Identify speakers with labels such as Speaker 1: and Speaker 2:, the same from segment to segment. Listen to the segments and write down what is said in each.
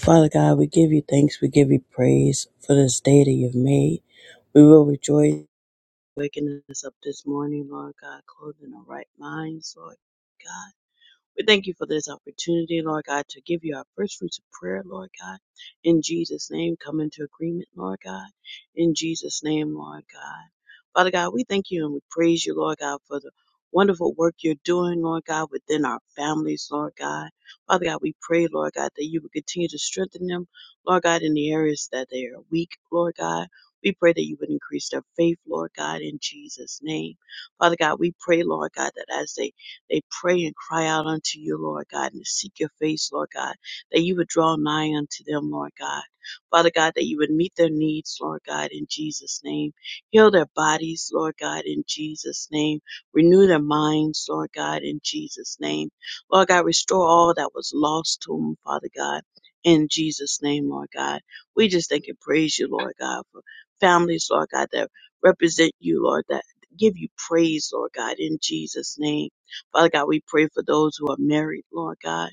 Speaker 1: Father God, we give you thanks, we give you praise for this day that you've made. We will rejoice in waking us up this morning, Lord God, clothing our right minds, Lord God. We thank you for this opportunity, Lord God, to give you our first fruits of prayer, Lord God. In Jesus' name, come into agreement, Lord God. In Jesus' name, Lord God. Father God, we thank you and we praise you, Lord God, for the wonderful work you're doing, Lord God, within our families, Lord God. Father God, we pray, Lord God, that you would continue to strengthen them, Lord God, in the areas that they are weak, Lord God. We pray that you would increase their faith, Lord God, in Jesus' name. Father God, we pray, Lord God, that as they they pray and cry out unto you, Lord God, and seek your face, Lord God, that you would draw nigh unto them, Lord God. Father God, that you would meet their needs, Lord God, in Jesus' name. Heal their bodies, Lord God, in Jesus' name. Renew their minds, Lord God, in Jesus' name. Lord God, restore all that was lost to them, Father God, in Jesus' name, Lord God. We just thank and praise you, Lord God, for families, Lord God, that represent you, Lord, that give you praise, Lord God, in Jesus' name. Father God, we pray for those who are married, Lord God.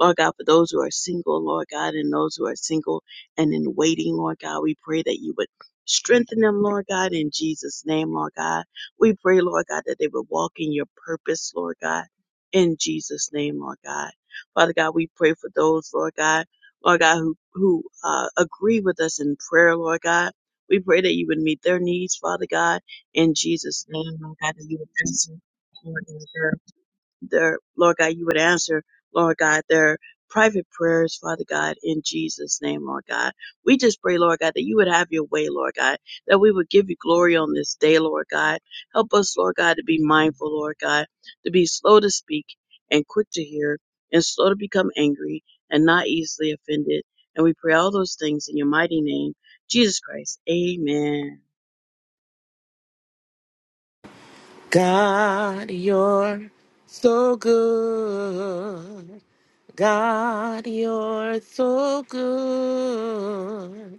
Speaker 1: Lord God, for those who are single, Lord God, and those who are single and in waiting, Lord God, we pray that you would strengthen them, Lord God, in Jesus' name, Lord God. We pray, Lord God, that they would walk in your purpose, Lord God, in Jesus' name, Lord God. Father God, we pray for those, Lord God, Lord God, who, who uh, agree with us in prayer, Lord God. We pray that you would meet their needs, Father God, in Jesus' name, Lord God, that you would answer. Lord God their Lord God, you would answer, Lord God, their private prayers, Father God, in Jesus' name, Lord God. We just pray, Lord God, that you would have your way, Lord God, that we would give you glory on this day, Lord God. Help us, Lord God, to be mindful, Lord God, to be slow to speak and quick to hear and slow to become angry and not easily offended. And we pray all those things in your mighty name, Jesus Christ. Amen.
Speaker 2: God, you're so good. God, you're so good.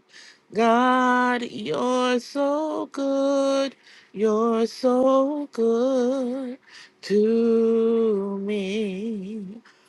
Speaker 2: God, you're so good. You're so good to me.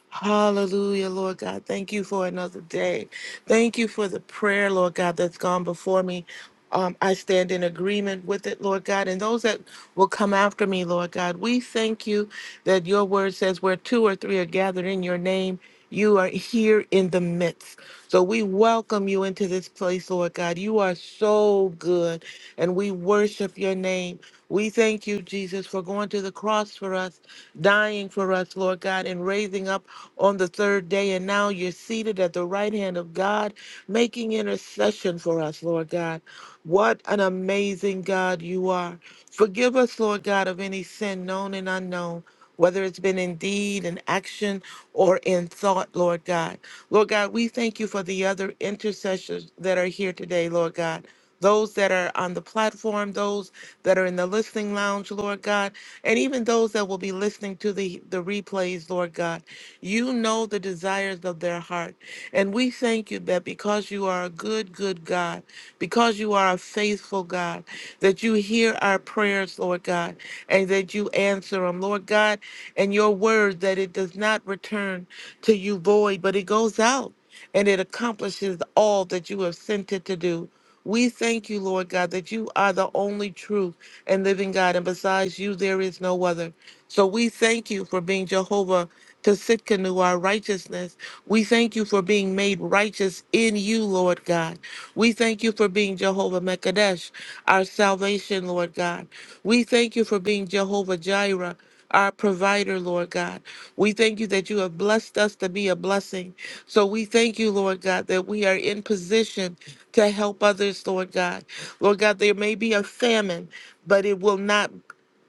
Speaker 2: Hallelujah, Lord God. Thank you for another day. Thank you for the prayer, Lord God, that's gone before me. Um, I stand in agreement with it, Lord God, and those that will come after me, Lord God. We thank you that your word says where two or three are gathered in your name, you are here in the midst. So we welcome you into this place, Lord God. You are so good, and we worship your name. We thank you, Jesus, for going to the cross for us, dying for us, Lord God, and raising up on the third day. And now you're seated at the right hand of God, making intercession for us, Lord God. What an amazing God you are. Forgive us, Lord God, of any sin known and unknown, whether it's been in deed, in action, or in thought, Lord God. Lord God, we thank you for the other intercessors that are here today, Lord God. Those that are on the platform, those that are in the listening lounge, Lord God, and even those that will be listening to the, the replays, Lord God. You know the desires of their heart. And we thank you that because you are a good, good God, because you are a faithful God, that you hear our prayers, Lord God, and that you answer them, Lord God, and your word that it does not return to you void, but it goes out and it accomplishes all that you have sent it to do. We thank you, Lord God, that you are the only true and living God, and besides you, there is no other. So we thank you for being Jehovah to Sitkanu, our righteousness. We thank you for being made righteous in you, Lord God. We thank you for being Jehovah Mekadesh, our salvation, Lord God. We thank you for being Jehovah Jireh. Our provider, Lord God. We thank you that you have blessed us to be a blessing. So we thank you, Lord God, that we are in position to help others, Lord God. Lord God, there may be a famine, but it will not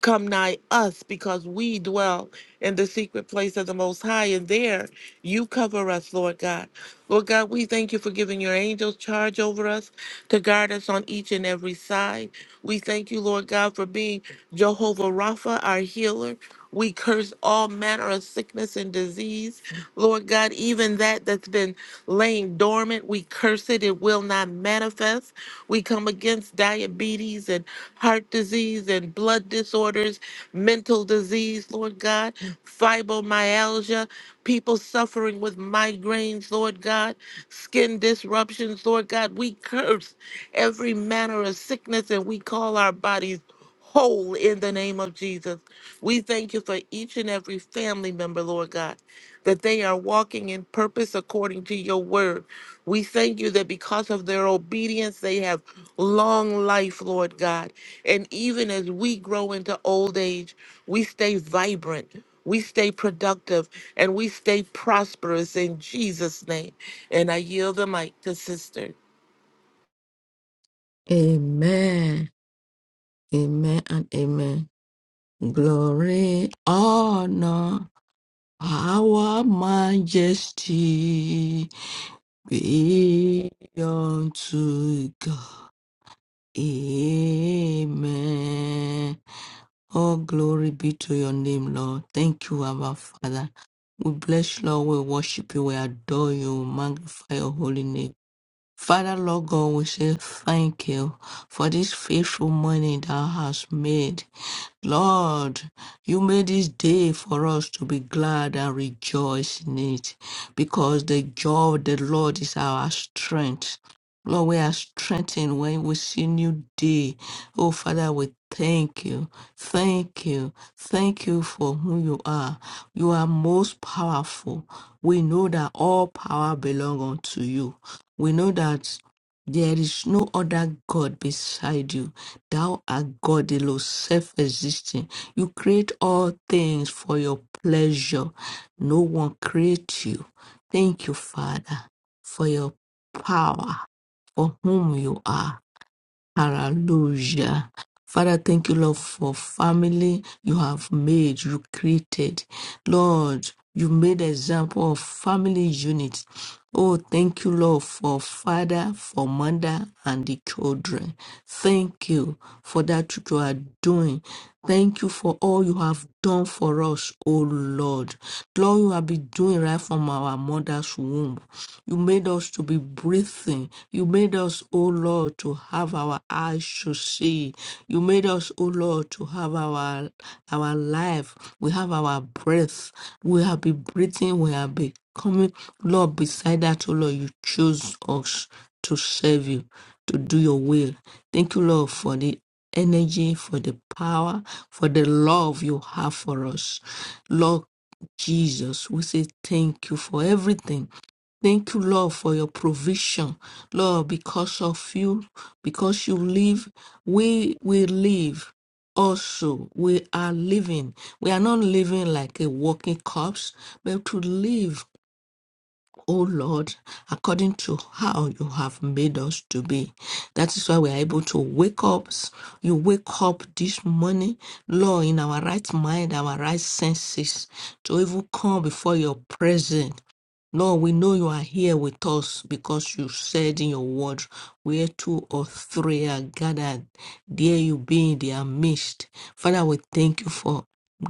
Speaker 2: come nigh us because we dwell in the secret place of the Most High. And there you cover us, Lord God. Lord God, we thank you for giving your angels charge over us to guard us on each and every side. We thank you, Lord God, for being Jehovah Rapha, our healer. We curse all manner of sickness and disease. Lord God, even that that's been laying dormant, we curse it. It will not manifest. We come against diabetes and heart disease and blood disorders, mental disease, Lord God, fibromyalgia, people suffering with migraines, Lord God, skin disruptions, Lord God. We curse every manner of sickness and we call our bodies whole in the name of Jesus. We thank you for each and every family member, Lord God, that they are walking in purpose according to your word. We thank you that because of their obedience, they have long life, Lord God. And even as we grow into old age, we stay vibrant, we stay productive, and we stay prosperous in Jesus' name. And I yield the mic to Sister.
Speaker 3: Amen. Amen and amen. Glory, honor, our majesty be unto God. Amen. All glory be to your name, Lord. Thank you, Abba Father. We bless you, Lord. We worship you. We adore you. We Magnify your holy name. Father Lord God, we say thank you for this faithful morning thou hast made. Lord, you made this day for us to be glad and rejoice in it, because the joy of the Lord is our strength. Lord, we are strengthened when we see new day. Oh, Father, we thank you. Thank you. Thank you for who you are. You are most powerful. We know that all power belongs unto you. We know that there is no other God beside you. Thou art God alone, self existing. You create all things for your pleasure. No one creates you. Thank you, Father, for your power, for whom you are. Hallelujah. Father, thank you, Lord, for family you have made, you created. Lord, you made example of family unit. Oh, thank you, Lord, for father, for mother, and the children. Thank you for that which you are doing. Thank you for all you have done for us, oh Lord. Lord, you have been doing right from our mother's womb. You made us to be breathing. You made us us, O Lord, to have our eyes to see. You made us, O Lord, to have our our life. We have our breath. We have been breathing. We have been coming. Lord, beside that, O Lord, you chose us to serve you, to do your will. Thank you, Lord, for the energy, for the power, for the love you have for us. Lord Jesus, we say thank you for everything. Thank you, Lord, for your provision. Lord, because of you, because you live, we will live. Also, we are living. We are not living like a walking corpse, but to live, O Lord, according to how you have made us to be. That is why we are able to wake up. You wake up this morning, Lord, in our right mind, our right senses, to even come before your presence Lord, we know you are here with us because you said in your word, where two or three are gathered, there you be in their midst. Father, we thank you for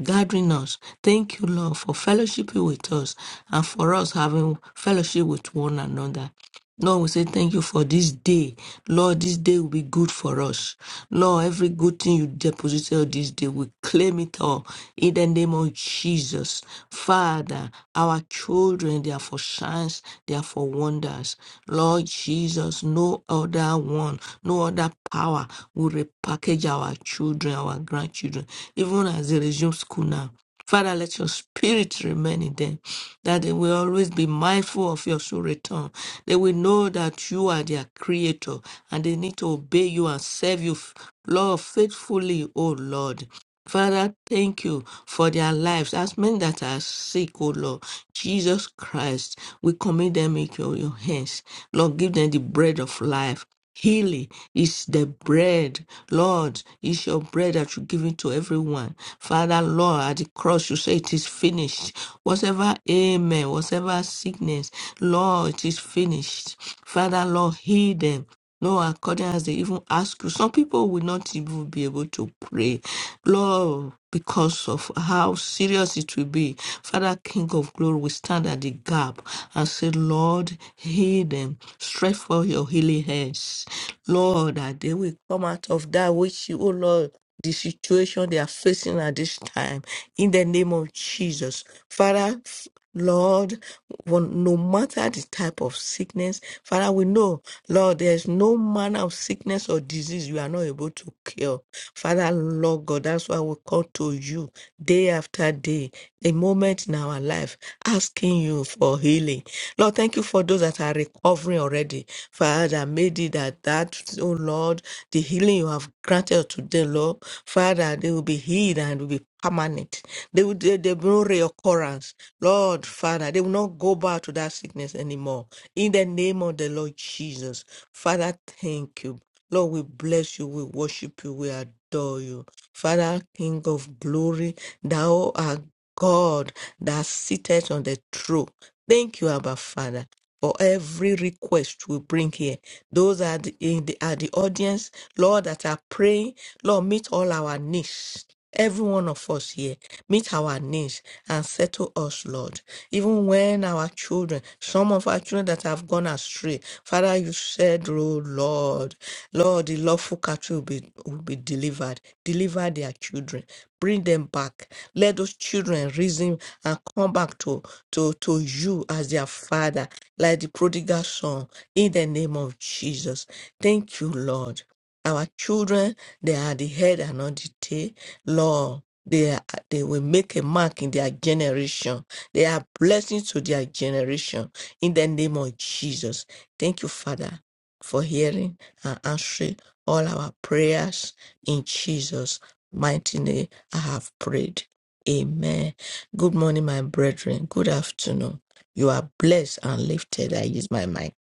Speaker 3: gathering us. Thank you, Lord, for fellowshiping with us and for us having fellowship with one another. Lord, we say thank you for this day. Lord, this day will be good for us. Lord, every good thing you deposited on this day, we claim it all in the name of Jesus. Father, our children, they are for signs, they are for wonders. Lord Jesus, no other one, no other power will repackage our children, our grandchildren, even as they resume school now. Father, let your spirit remain in them that they will always be mindful of your soul return. They will know that you are their creator and they need to obey you and serve you, f- Lord, faithfully, O Lord. Father, thank you for their lives. As many that are sick, O Lord, Jesus Christ, we commit them into your hands. Lord, give them the bread of life. Healing is the bread, Lord. It's your bread that you give it to everyone. Father, Lord, at the cross you say it is finished. Whatever amen, whatever sickness, Lord, it is finished. Father, Lord, heal them. No accordance, they even ask you. Some people will not even be able to pray, Lord, because of how serious it will be. Father, King of Glory, we stand at the gap and say, Lord, heal them. Stretch for your healing hands. Lord, that they will come out of that which you, oh Lord the situation they are facing at this time in the name of Jesus. Father, f- Lord, one- no matter the type of sickness, Father, we know, Lord, there's no manner of sickness or disease you are not able to cure. Father, Lord God, that's why we call to you day after day, a moment in our life, asking you for healing. Lord, thank you for those that are recovering already. Father, made it that that, oh Lord, Lord, the healing you have granted to them, Lord. Father, they will be healed and will be permanent. They will they there will no reoccurrence. Lord, Father, they will not go back to that sickness anymore. In the name of the Lord Jesus. Father, thank you. Lord, we bless you, we worship you, we adore you. Father, King of glory, thou art God that sitteth on the throne. Thank you, Abba Father for every request we bring here. Those are the, in the, are the audience, Lord, that are praying. Lord, meet all our needs. Every one of us here, meet our needs and settle us, Lord. Even when our children, some of our children that have gone astray, Father, you said, oh Lord, Lord, the lawful cattle will be, will be delivered. Deliver their children. Bring them back. Let those children reason and come back to, to, to you as their father like the prodigal son in the name of Jesus. Thank you, Lord. Our children, they are the head and not the tail. Lord, they, are, they will make a mark in their generation. They are blessings to their generation in the name of Jesus. Thank you, Father, for hearing and answering all our prayers in Jesus' mighty name. I have prayed. Amen. Good morning, my brethren. Good afternoon. You are blessed and lifted. I use my mic.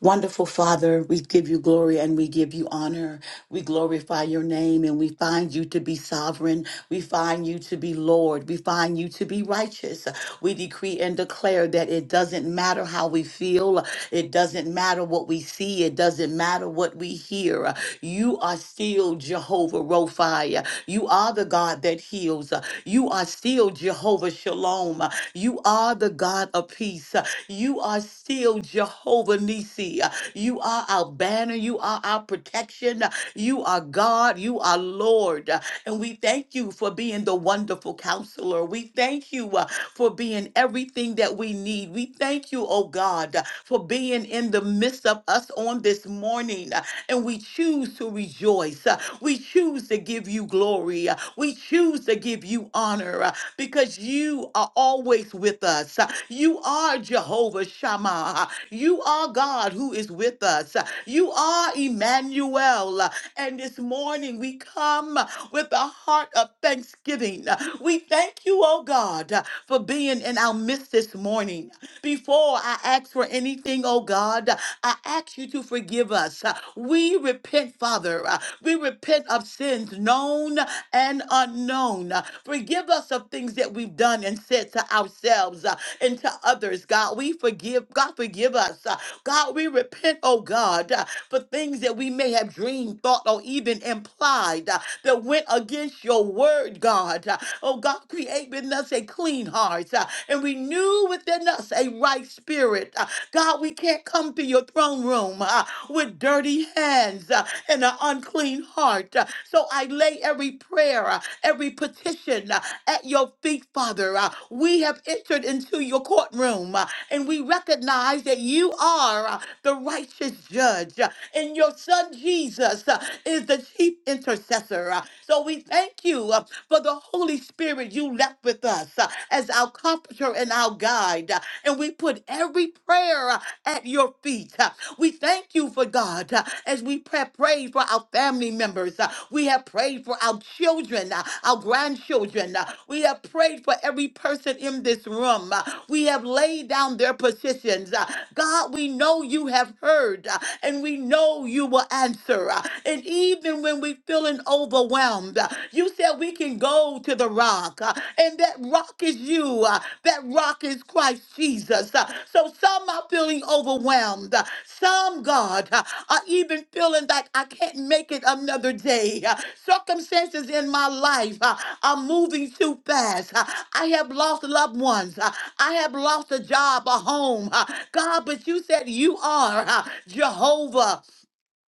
Speaker 4: Wonderful Father, we give you glory and we give you honor. We glorify your name and we find you to be sovereign. We find you to be Lord. We find you to be righteous. We decree and declare that it doesn't matter how we feel, it doesn't matter what we see, it doesn't matter what we hear. You are still Jehovah Rophi. You are the God that heals. You are still Jehovah Shalom. You are the God of of peace. You are still Jehovah Nissi. You are our banner. You are our protection. You are God. You are Lord. And we thank you for being the wonderful counselor. We thank you uh, for being everything that we need. We thank you, oh God, uh, for being in the midst of us on this morning. uh, And we choose to rejoice. uh, We choose to give you glory. uh, We choose to give you honor because you are always with us. You are Jehovah Shammah. You are God who is with us. You are Emmanuel. And this morning we come with a heart of thanksgiving. We thank you, oh God, for being in our midst this morning. Before I ask for anything, oh God, I ask you to forgive us. We repent, Father. We repent of sins known and unknown. Forgive us of things that we've done and said to ourselves uh, and to others, God. We forgive, God, forgive us. uh, God, we repent, oh God, uh, for things that we may have dreamed, thought, or even implied uh, that went against your word, God. Uh, Oh God, create within us a clean heart uh, and renew within us a right spirit. Uh, God, we can't come to your throne room uh, with dirty hands uh, and an unclean heart. Uh, So I lay every prayer. uh, every petition uh, at your feet, Father. Uh, We have entered into your courtroom uh, and we recognize that you are uh, the righteous judge uh, and your son Jesus uh, is the chief intercessor. Uh, So we thank you uh, for the Holy Spirit you left with us uh, as our comforter and our guide and we put every prayer uh, at your feet. Uh, We thank you for God uh, as we pray, pray for our family members. Uh, We have prayed for our children, uh, our grandchildren. Uh, We have prayed for every person in this room. Uh, We have laid down their positions. Uh, God, we know you have heard uh, and we know you will answer. Uh, And even when we're feeling overwhelmed, uh, you said we we can go to the rock, uh, and that rock is you. uh, That rock is Christ Jesus. Uh, So some are feeling overwhelmed. Uh, Some, God, uh, are even feeling like I can't make it another day. Uh, Circumstances in my life uh, are moving too fast. Uh, I have lost loved ones. Uh, I have lost a job, a home. Uh, God, but you said you are uh, Jehovah.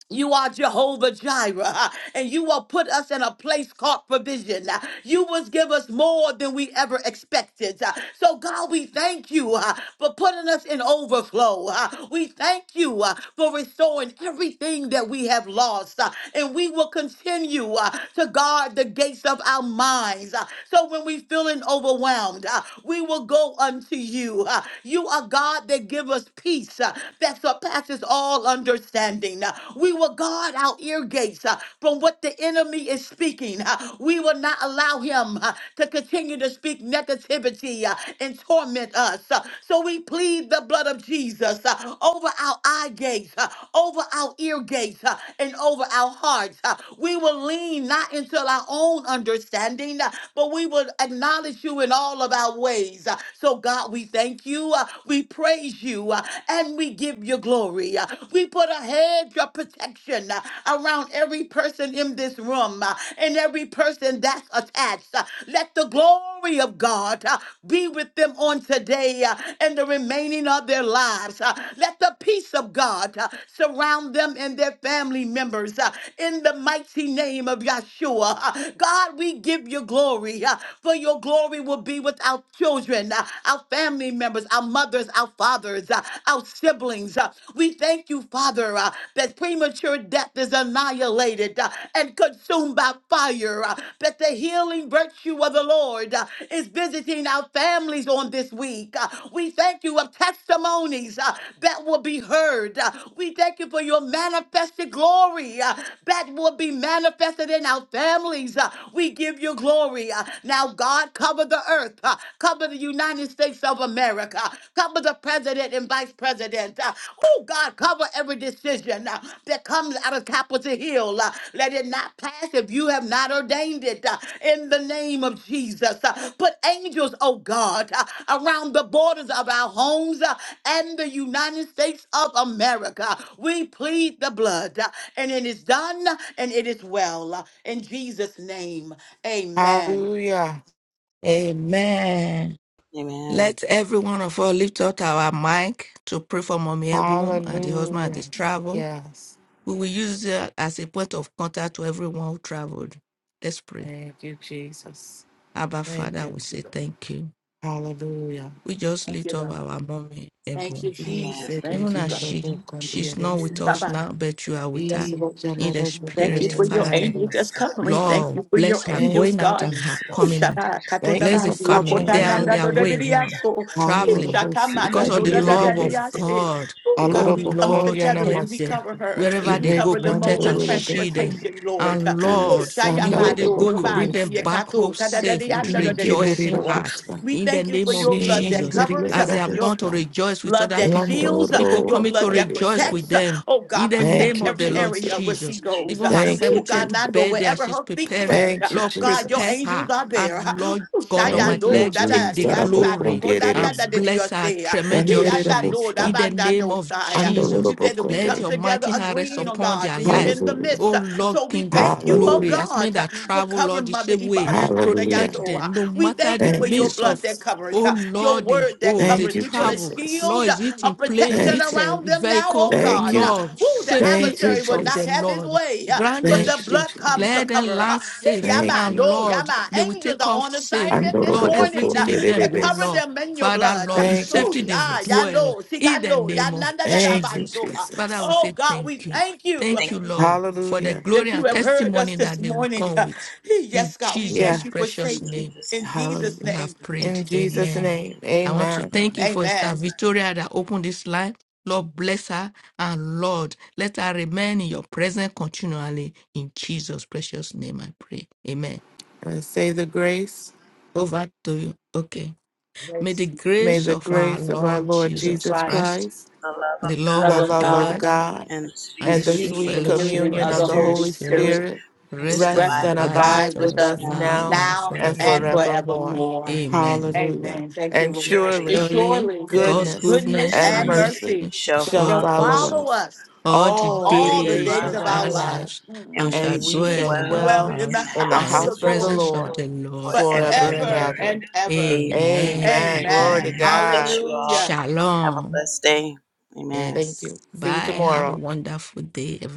Speaker 4: You are Jehovah Jireh, uh, and you will put us in a place called provision. Uh, You will give us more than we ever expected. Uh, So, God, we thank you uh, for putting us in overflow. Uh, We thank you uh, for restoring everything that we have lost, Uh, and we will continue uh, to guard the gates of our minds. Uh, So, when we feeling overwhelmed, uh, we will go unto you. Uh, You are God that give us peace uh, that surpasses surpasses all understanding. Uh, We will guard our ear gates uh, from what the enemy is speaking. Uh, We will not allow him uh, to continue to speak negativity uh, and torment us. Uh, So we plead the blood of Jesus uh, over our eye gates, uh, over our ear gates, uh, and over our hearts. Uh, We will lean not into our own understanding, uh, but we will acknowledge you in all of our ways. Uh, So, God, we thank you. Uh, We pray praise you uh, and we give you glory. Uh, We put a hedge of protection uh, around every person in this room uh, and every person that's attached. Uh, Let the glory of God uh, be with them on today uh, and the remaining of their lives. Uh, Let the peace of God uh, surround them and their family members uh, in the mighty name of Yahshua. Uh, God, we give you glory, uh, for your glory will be with our children. Uh, our family members, our mothers, our fathers, uh, our siblings. uh, we thank you, Father, uh, that premature death is annihilated uh, and consumed by fire, uh, that the healing virtue of the Lord uh, is visiting our families on this week. Uh, we thank you of testimonies uh, that will be heard. Uh, we thank you for your manifested glory uh, that will be manifested in our families. Uh, we give you glory. Uh, now, God, Cover the earth. uh, Cover the United States of America. Cover the president and vice president. uh, Oh, God, cover every decision uh, that comes out of Capitol Hill. uh, Let it not pass if you have not ordained it. uh, In the name of Jesus. uh, Put angels, oh God, uh, around the borders of our homes uh, and the United States of America. We plead the blood. uh, And it is done and it is well. uh, In Jesus' name, amen.
Speaker 2: Hallelujah.
Speaker 3: Amen.
Speaker 1: Amen.
Speaker 3: Let every one of us lift up our mic to pray for Mommy Ebu and the husband at
Speaker 2: Hallelujah.
Speaker 3: this travel.
Speaker 2: Yes.
Speaker 3: We will use it as a point of contact to everyone who traveled. Let's pray.
Speaker 2: Thank you, Jesus.
Speaker 3: Abba
Speaker 2: Thank
Speaker 3: Father,
Speaker 2: you,
Speaker 3: we say
Speaker 2: Jesus.
Speaker 3: thank you.
Speaker 2: Hallelujah.
Speaker 3: We just lift up our Mommy Ebu.
Speaker 2: Yes,
Speaker 1: Amen.
Speaker 4: Jesus.
Speaker 2: it
Speaker 4: Thank
Speaker 3: Even
Speaker 4: you,
Speaker 3: as
Speaker 4: God.
Speaker 3: she she's not with
Speaker 2: is.
Speaker 4: Bye
Speaker 3: us
Speaker 4: bye.
Speaker 3: now, but you are with her
Speaker 4: Yes,
Speaker 2: E
Speaker 4: Lord.
Speaker 3: in the
Speaker 4: Thank you
Speaker 3: spirit,
Speaker 2: Jalaroboko
Speaker 4: for your
Speaker 3: Father.
Speaker 4: angels that's
Speaker 2: Darabasta.
Speaker 4: covering. Thank
Speaker 3: Lord,
Speaker 4: you for your
Speaker 3: bless her
Speaker 4: angels,
Speaker 3: going
Speaker 2: Thank you,
Speaker 3: out
Speaker 4: God.
Speaker 3: and her
Speaker 4: Ooh,
Speaker 2: Jesus.
Speaker 3: coming in.
Speaker 4: Shabbat,
Speaker 2: Thank you
Speaker 3: Bless the
Speaker 2: for
Speaker 4: Katotabandi,
Speaker 3: family.
Speaker 2: covering
Speaker 3: They
Speaker 2: and
Speaker 3: are on
Speaker 4: Okotananda,
Speaker 3: their
Speaker 2: welcome.
Speaker 3: way now,
Speaker 4: Dododiaso,
Speaker 3: traveling
Speaker 2: Honorable
Speaker 4: Shakamana,
Speaker 3: because of
Speaker 2: Sikari
Speaker 3: the love of
Speaker 2: Yerebese.
Speaker 4: Nodadadiase.
Speaker 3: God.
Speaker 4: Ooh,
Speaker 3: Oh
Speaker 4: God, we come
Speaker 3: Lord,
Speaker 2: Alorobokondiana
Speaker 4: together
Speaker 3: help
Speaker 4: and we
Speaker 3: them.
Speaker 2: Masta.
Speaker 4: cover her.
Speaker 3: Wherever
Speaker 4: We
Speaker 3: they go,
Speaker 2: Evet
Speaker 4: cover the
Speaker 3: protect
Speaker 4: mode of
Speaker 3: and shield them.
Speaker 2: Yandorobokon.
Speaker 4: transportation, Lord.
Speaker 3: And
Speaker 2: E
Speaker 4: Ooh,
Speaker 3: Lord, the way they
Speaker 4: Shayamando,
Speaker 3: go, you
Speaker 2: Sandaroboko
Speaker 3: bring
Speaker 4: Dobansi,
Speaker 3: them
Speaker 2: Yesta.
Speaker 3: back home
Speaker 4: Ekato,
Speaker 3: safe with
Speaker 4: Tadadadianda,
Speaker 2: Ingeleri
Speaker 3: rejoicing
Speaker 4: Dododioso.
Speaker 3: heart.
Speaker 2: Robusta.
Speaker 4: We
Speaker 3: In the
Speaker 4: thank you for
Speaker 3: name of
Speaker 4: your blood that
Speaker 3: Jesus,
Speaker 4: covers,
Speaker 2: Shingeri
Speaker 3: as they have
Speaker 4: your
Speaker 3: gone to
Speaker 2: Robusta.
Speaker 3: rejoice with
Speaker 4: blood
Speaker 3: other
Speaker 4: that
Speaker 3: people,
Speaker 2: Lando
Speaker 4: shields, uh,
Speaker 3: people
Speaker 4: your
Speaker 3: coming to
Speaker 2: Roboko
Speaker 4: blood that
Speaker 3: rejoice
Speaker 2: Yesta.
Speaker 3: with
Speaker 4: protects. uh,
Speaker 3: them.
Speaker 4: Oh
Speaker 3: In
Speaker 4: God,
Speaker 3: the
Speaker 4: protect
Speaker 2: Thank
Speaker 3: name
Speaker 2: you,
Speaker 3: of the
Speaker 4: every
Speaker 3: Lord
Speaker 4: area where
Speaker 2: Jesus.
Speaker 4: she
Speaker 3: Jesus,
Speaker 4: goes.
Speaker 3: even
Speaker 4: uh,
Speaker 3: her
Speaker 2: Thank you,
Speaker 4: Oh God,
Speaker 2: Jesus.
Speaker 3: 70th
Speaker 4: and I know
Speaker 3: birthday, as
Speaker 4: wherever
Speaker 3: she's
Speaker 4: her feet
Speaker 3: preparing,
Speaker 4: tread, uh,
Speaker 2: Thank you,
Speaker 3: Lord,
Speaker 4: God, your
Speaker 3: prepare
Speaker 2: Jesus.
Speaker 4: angels
Speaker 3: her.
Speaker 4: are there. uh,
Speaker 3: And Lord
Speaker 4: Oh
Speaker 3: God
Speaker 2: Thank
Speaker 3: Almighty,
Speaker 2: you,
Speaker 4: Shayano,
Speaker 3: let
Speaker 4: da
Speaker 3: take
Speaker 4: da
Speaker 2: Jesus.
Speaker 3: the
Speaker 4: the answer to
Speaker 3: glory
Speaker 4: go da da da
Speaker 3: and
Speaker 4: da
Speaker 2: Arabokonderereste.
Speaker 4: your
Speaker 3: bless her
Speaker 4: say. uh, He and I
Speaker 3: tremendously
Speaker 4: know da
Speaker 2: Ganererabosta.
Speaker 3: in
Speaker 4: ba
Speaker 3: the
Speaker 4: da
Speaker 3: name
Speaker 4: do
Speaker 3: of
Speaker 4: say. uh,
Speaker 3: Jesus.
Speaker 4: You said that we
Speaker 3: Let
Speaker 2: Andorobokore.
Speaker 4: come
Speaker 3: your
Speaker 4: together
Speaker 3: mighty hand rest
Speaker 4: agreeing, oh
Speaker 3: upon
Speaker 4: God,
Speaker 3: their
Speaker 4: that you're
Speaker 3: lives.
Speaker 4: in the
Speaker 2: Hallelujah.
Speaker 4: midst.
Speaker 3: Oh
Speaker 4: uh,
Speaker 3: Lord,
Speaker 4: So we
Speaker 3: King of
Speaker 4: thank you, oh
Speaker 3: glory,
Speaker 2: Hallelujah.
Speaker 3: as men
Speaker 4: God, uh,
Speaker 3: that
Speaker 4: for
Speaker 3: travel, Lord,
Speaker 4: covering
Speaker 3: the
Speaker 4: Mother
Speaker 3: same
Speaker 4: Iba
Speaker 3: way,
Speaker 4: and Pastor
Speaker 2: Hallelujah.
Speaker 3: protect
Speaker 4: Yato. uh,
Speaker 3: them no
Speaker 4: We
Speaker 3: matter
Speaker 4: thank
Speaker 3: the
Speaker 4: you for
Speaker 2: Thank
Speaker 4: your
Speaker 2: you,
Speaker 3: means
Speaker 4: blood
Speaker 3: of,
Speaker 4: that
Speaker 2: Jesus.
Speaker 4: covers
Speaker 3: oh
Speaker 4: your
Speaker 3: Lord, they
Speaker 4: word that
Speaker 3: go, they
Speaker 4: covers.
Speaker 2: Thank you,
Speaker 4: We put a
Speaker 3: travel.
Speaker 2: Jesus.
Speaker 3: Lord,
Speaker 4: shield
Speaker 3: is it
Speaker 4: of
Speaker 3: in plane? Is
Speaker 4: protection
Speaker 2: Thank
Speaker 3: it
Speaker 2: you.
Speaker 3: a
Speaker 4: around them now,
Speaker 3: vehicle?
Speaker 4: oh
Speaker 2: Thank
Speaker 4: God.
Speaker 2: you.
Speaker 3: Lord,
Speaker 4: Who the
Speaker 3: safety
Speaker 2: Thank you,
Speaker 4: adversary
Speaker 3: is
Speaker 4: will
Speaker 3: of the
Speaker 4: not
Speaker 2: Jesus.
Speaker 4: have his
Speaker 3: Lord.
Speaker 4: way, uh,
Speaker 3: Grant them
Speaker 4: but the
Speaker 2: Thank you,
Speaker 3: safe.
Speaker 4: blood comes
Speaker 2: Jesus.
Speaker 4: to
Speaker 3: Let them
Speaker 4: cover. uh,
Speaker 3: land safe.
Speaker 2: Thank
Speaker 4: Yama,
Speaker 2: you,
Speaker 3: And
Speaker 4: no,
Speaker 2: Jesus.
Speaker 3: Lord,
Speaker 4: Yama.
Speaker 3: they will
Speaker 4: Angels
Speaker 3: take
Speaker 4: are
Speaker 3: off
Speaker 4: on
Speaker 3: safe
Speaker 4: assignment this
Speaker 3: Lord,
Speaker 4: morning uh,
Speaker 3: everything in them,
Speaker 4: to
Speaker 3: oh
Speaker 4: cover
Speaker 2: Andorobokonderabaste.
Speaker 3: Lord.
Speaker 4: them in your
Speaker 3: Father,
Speaker 4: blood. Uh,
Speaker 3: Lord, in
Speaker 2: Thank you,
Speaker 4: Oh,
Speaker 3: safety they
Speaker 4: Sha,
Speaker 2: Jesus.
Speaker 3: dwell
Speaker 4: Yando,
Speaker 3: in the
Speaker 4: Sikando,
Speaker 3: name of
Speaker 4: Yananda, da, da,
Speaker 2: Thank you,
Speaker 3: Jesus.
Speaker 4: Banso. Uh,
Speaker 3: Father,
Speaker 2: Jesus.
Speaker 3: we
Speaker 4: Oh,
Speaker 3: say
Speaker 4: God,
Speaker 3: thank
Speaker 4: we
Speaker 3: you.
Speaker 4: thank you uh,
Speaker 3: Thank you, Lord, for the
Speaker 2: Hallelujah.
Speaker 3: glory
Speaker 4: that you
Speaker 3: and
Speaker 4: have heard us
Speaker 3: testimony
Speaker 4: this
Speaker 3: that they will
Speaker 4: morning.
Speaker 3: come
Speaker 4: Uh,
Speaker 3: with. In
Speaker 4: Yes, God, we
Speaker 3: Jesus'
Speaker 4: thank
Speaker 2: Yes.
Speaker 4: you for
Speaker 3: precious
Speaker 4: safety
Speaker 3: name,
Speaker 4: in Jesus'
Speaker 2: Hallelujah.
Speaker 3: we
Speaker 4: name.
Speaker 3: have
Speaker 2: In
Speaker 3: prayed.
Speaker 2: Jesus'
Speaker 3: Amen.
Speaker 2: name,
Speaker 3: I want to
Speaker 2: amen.
Speaker 3: thank you for Sister
Speaker 4: Amen.
Speaker 3: Victoria that opened this line. Lord, bless her and Lord, let her remain in your presence continually. In Jesus' precious name, I pray. Amen.
Speaker 2: And say the grace,
Speaker 3: Over to you. Okay. May the
Speaker 2: may
Speaker 3: grace
Speaker 2: the
Speaker 3: of our
Speaker 2: grace of our
Speaker 3: Lord
Speaker 2: Lord
Speaker 4: Jesus
Speaker 3: Jesus
Speaker 2: Jesus
Speaker 4: Christ,
Speaker 3: Christ,
Speaker 2: Christ,
Speaker 3: the love
Speaker 4: love
Speaker 2: the
Speaker 3: of
Speaker 4: of
Speaker 2: love of
Speaker 4: God,
Speaker 3: God,
Speaker 2: God,
Speaker 1: and the sweet
Speaker 4: and
Speaker 3: and
Speaker 4: the
Speaker 3: the
Speaker 2: and the
Speaker 4: sweet
Speaker 3: sweet
Speaker 1: communion of
Speaker 2: sweet
Speaker 1: the
Speaker 3: fellowship
Speaker 4: communion
Speaker 1: Holy
Speaker 3: of
Speaker 2: communion
Speaker 4: of
Speaker 3: the
Speaker 2: of
Speaker 4: the
Speaker 2: the
Speaker 3: Holy
Speaker 4: Holy
Speaker 2: Holy
Speaker 4: Spirit
Speaker 3: Spirit
Speaker 2: Spirit
Speaker 3: rest and
Speaker 2: rest
Speaker 4: rest
Speaker 2: and
Speaker 4: and
Speaker 3: abide
Speaker 2: abide
Speaker 3: with
Speaker 4: abide with
Speaker 2: with
Speaker 3: us
Speaker 4: us
Speaker 2: us
Speaker 3: now
Speaker 2: now
Speaker 3: and
Speaker 4: now
Speaker 2: and
Speaker 4: and
Speaker 3: forevermore.
Speaker 2: forevermore.
Speaker 4: forevermore.
Speaker 1: Spirit. Amen.
Speaker 3: Amen.
Speaker 2: Hallelujah.
Speaker 4: Amen. Thank you,
Speaker 2: And
Speaker 1: And
Speaker 4: Lord.
Speaker 1: surely
Speaker 4: And
Speaker 2: surely
Speaker 3: Surely
Speaker 4: surely
Speaker 3: God's
Speaker 1: goodness
Speaker 2: goodness
Speaker 1: and
Speaker 4: goodness
Speaker 3: goodness
Speaker 2: and
Speaker 4: and
Speaker 3: and mercy
Speaker 1: mercy
Speaker 2: mercy
Speaker 4: mercy
Speaker 3: shall
Speaker 1: shall
Speaker 2: shall
Speaker 3: follow
Speaker 1: follow
Speaker 4: shall
Speaker 2: follow
Speaker 3: us
Speaker 4: follow
Speaker 2: us
Speaker 4: us
Speaker 3: all the
Speaker 1: all
Speaker 2: all
Speaker 1: the
Speaker 2: the
Speaker 4: all
Speaker 1: days
Speaker 4: the
Speaker 1: of
Speaker 3: days
Speaker 2: days
Speaker 1: our
Speaker 4: days
Speaker 3: of
Speaker 2: of
Speaker 4: of our
Speaker 2: our
Speaker 3: our
Speaker 1: lives,
Speaker 4: lives.
Speaker 2: life,
Speaker 3: lives
Speaker 4: Mm.
Speaker 3: and
Speaker 1: and we
Speaker 3: shall
Speaker 2: and we
Speaker 1: shall
Speaker 4: We
Speaker 2: shall
Speaker 3: dwell
Speaker 4: shall
Speaker 3: in
Speaker 1: dwell
Speaker 3: the
Speaker 4: dwell
Speaker 2: dwell
Speaker 4: in
Speaker 1: in
Speaker 4: the
Speaker 3: house
Speaker 1: the
Speaker 2: in the
Speaker 3: and
Speaker 4: house
Speaker 3: in
Speaker 4: of
Speaker 1: house
Speaker 3: the
Speaker 1: of
Speaker 4: the
Speaker 2: house
Speaker 1: the
Speaker 2: of
Speaker 1: Lord
Speaker 2: the
Speaker 4: Lord
Speaker 3: presence of
Speaker 2: Lord
Speaker 3: the Lord
Speaker 1: forever
Speaker 2: forever
Speaker 1: and
Speaker 2: and
Speaker 3: forever.
Speaker 4: forever
Speaker 1: ever.
Speaker 2: ever.
Speaker 4: and ever.
Speaker 1: Amen.
Speaker 3: Amen
Speaker 2: Amen.
Speaker 3: and
Speaker 2: Glory to
Speaker 4: Amen.
Speaker 1: Amen.
Speaker 3: amen.
Speaker 1: God bless
Speaker 2: God.
Speaker 1: you all.
Speaker 4: Hallelujah.
Speaker 1: Have a
Speaker 3: Shalom.
Speaker 1: blessed day. Amen.
Speaker 2: Thank
Speaker 3: Yes.
Speaker 2: you. See you
Speaker 3: Bye. Have a
Speaker 2: tomorrow.
Speaker 3: wonderful day, everyone.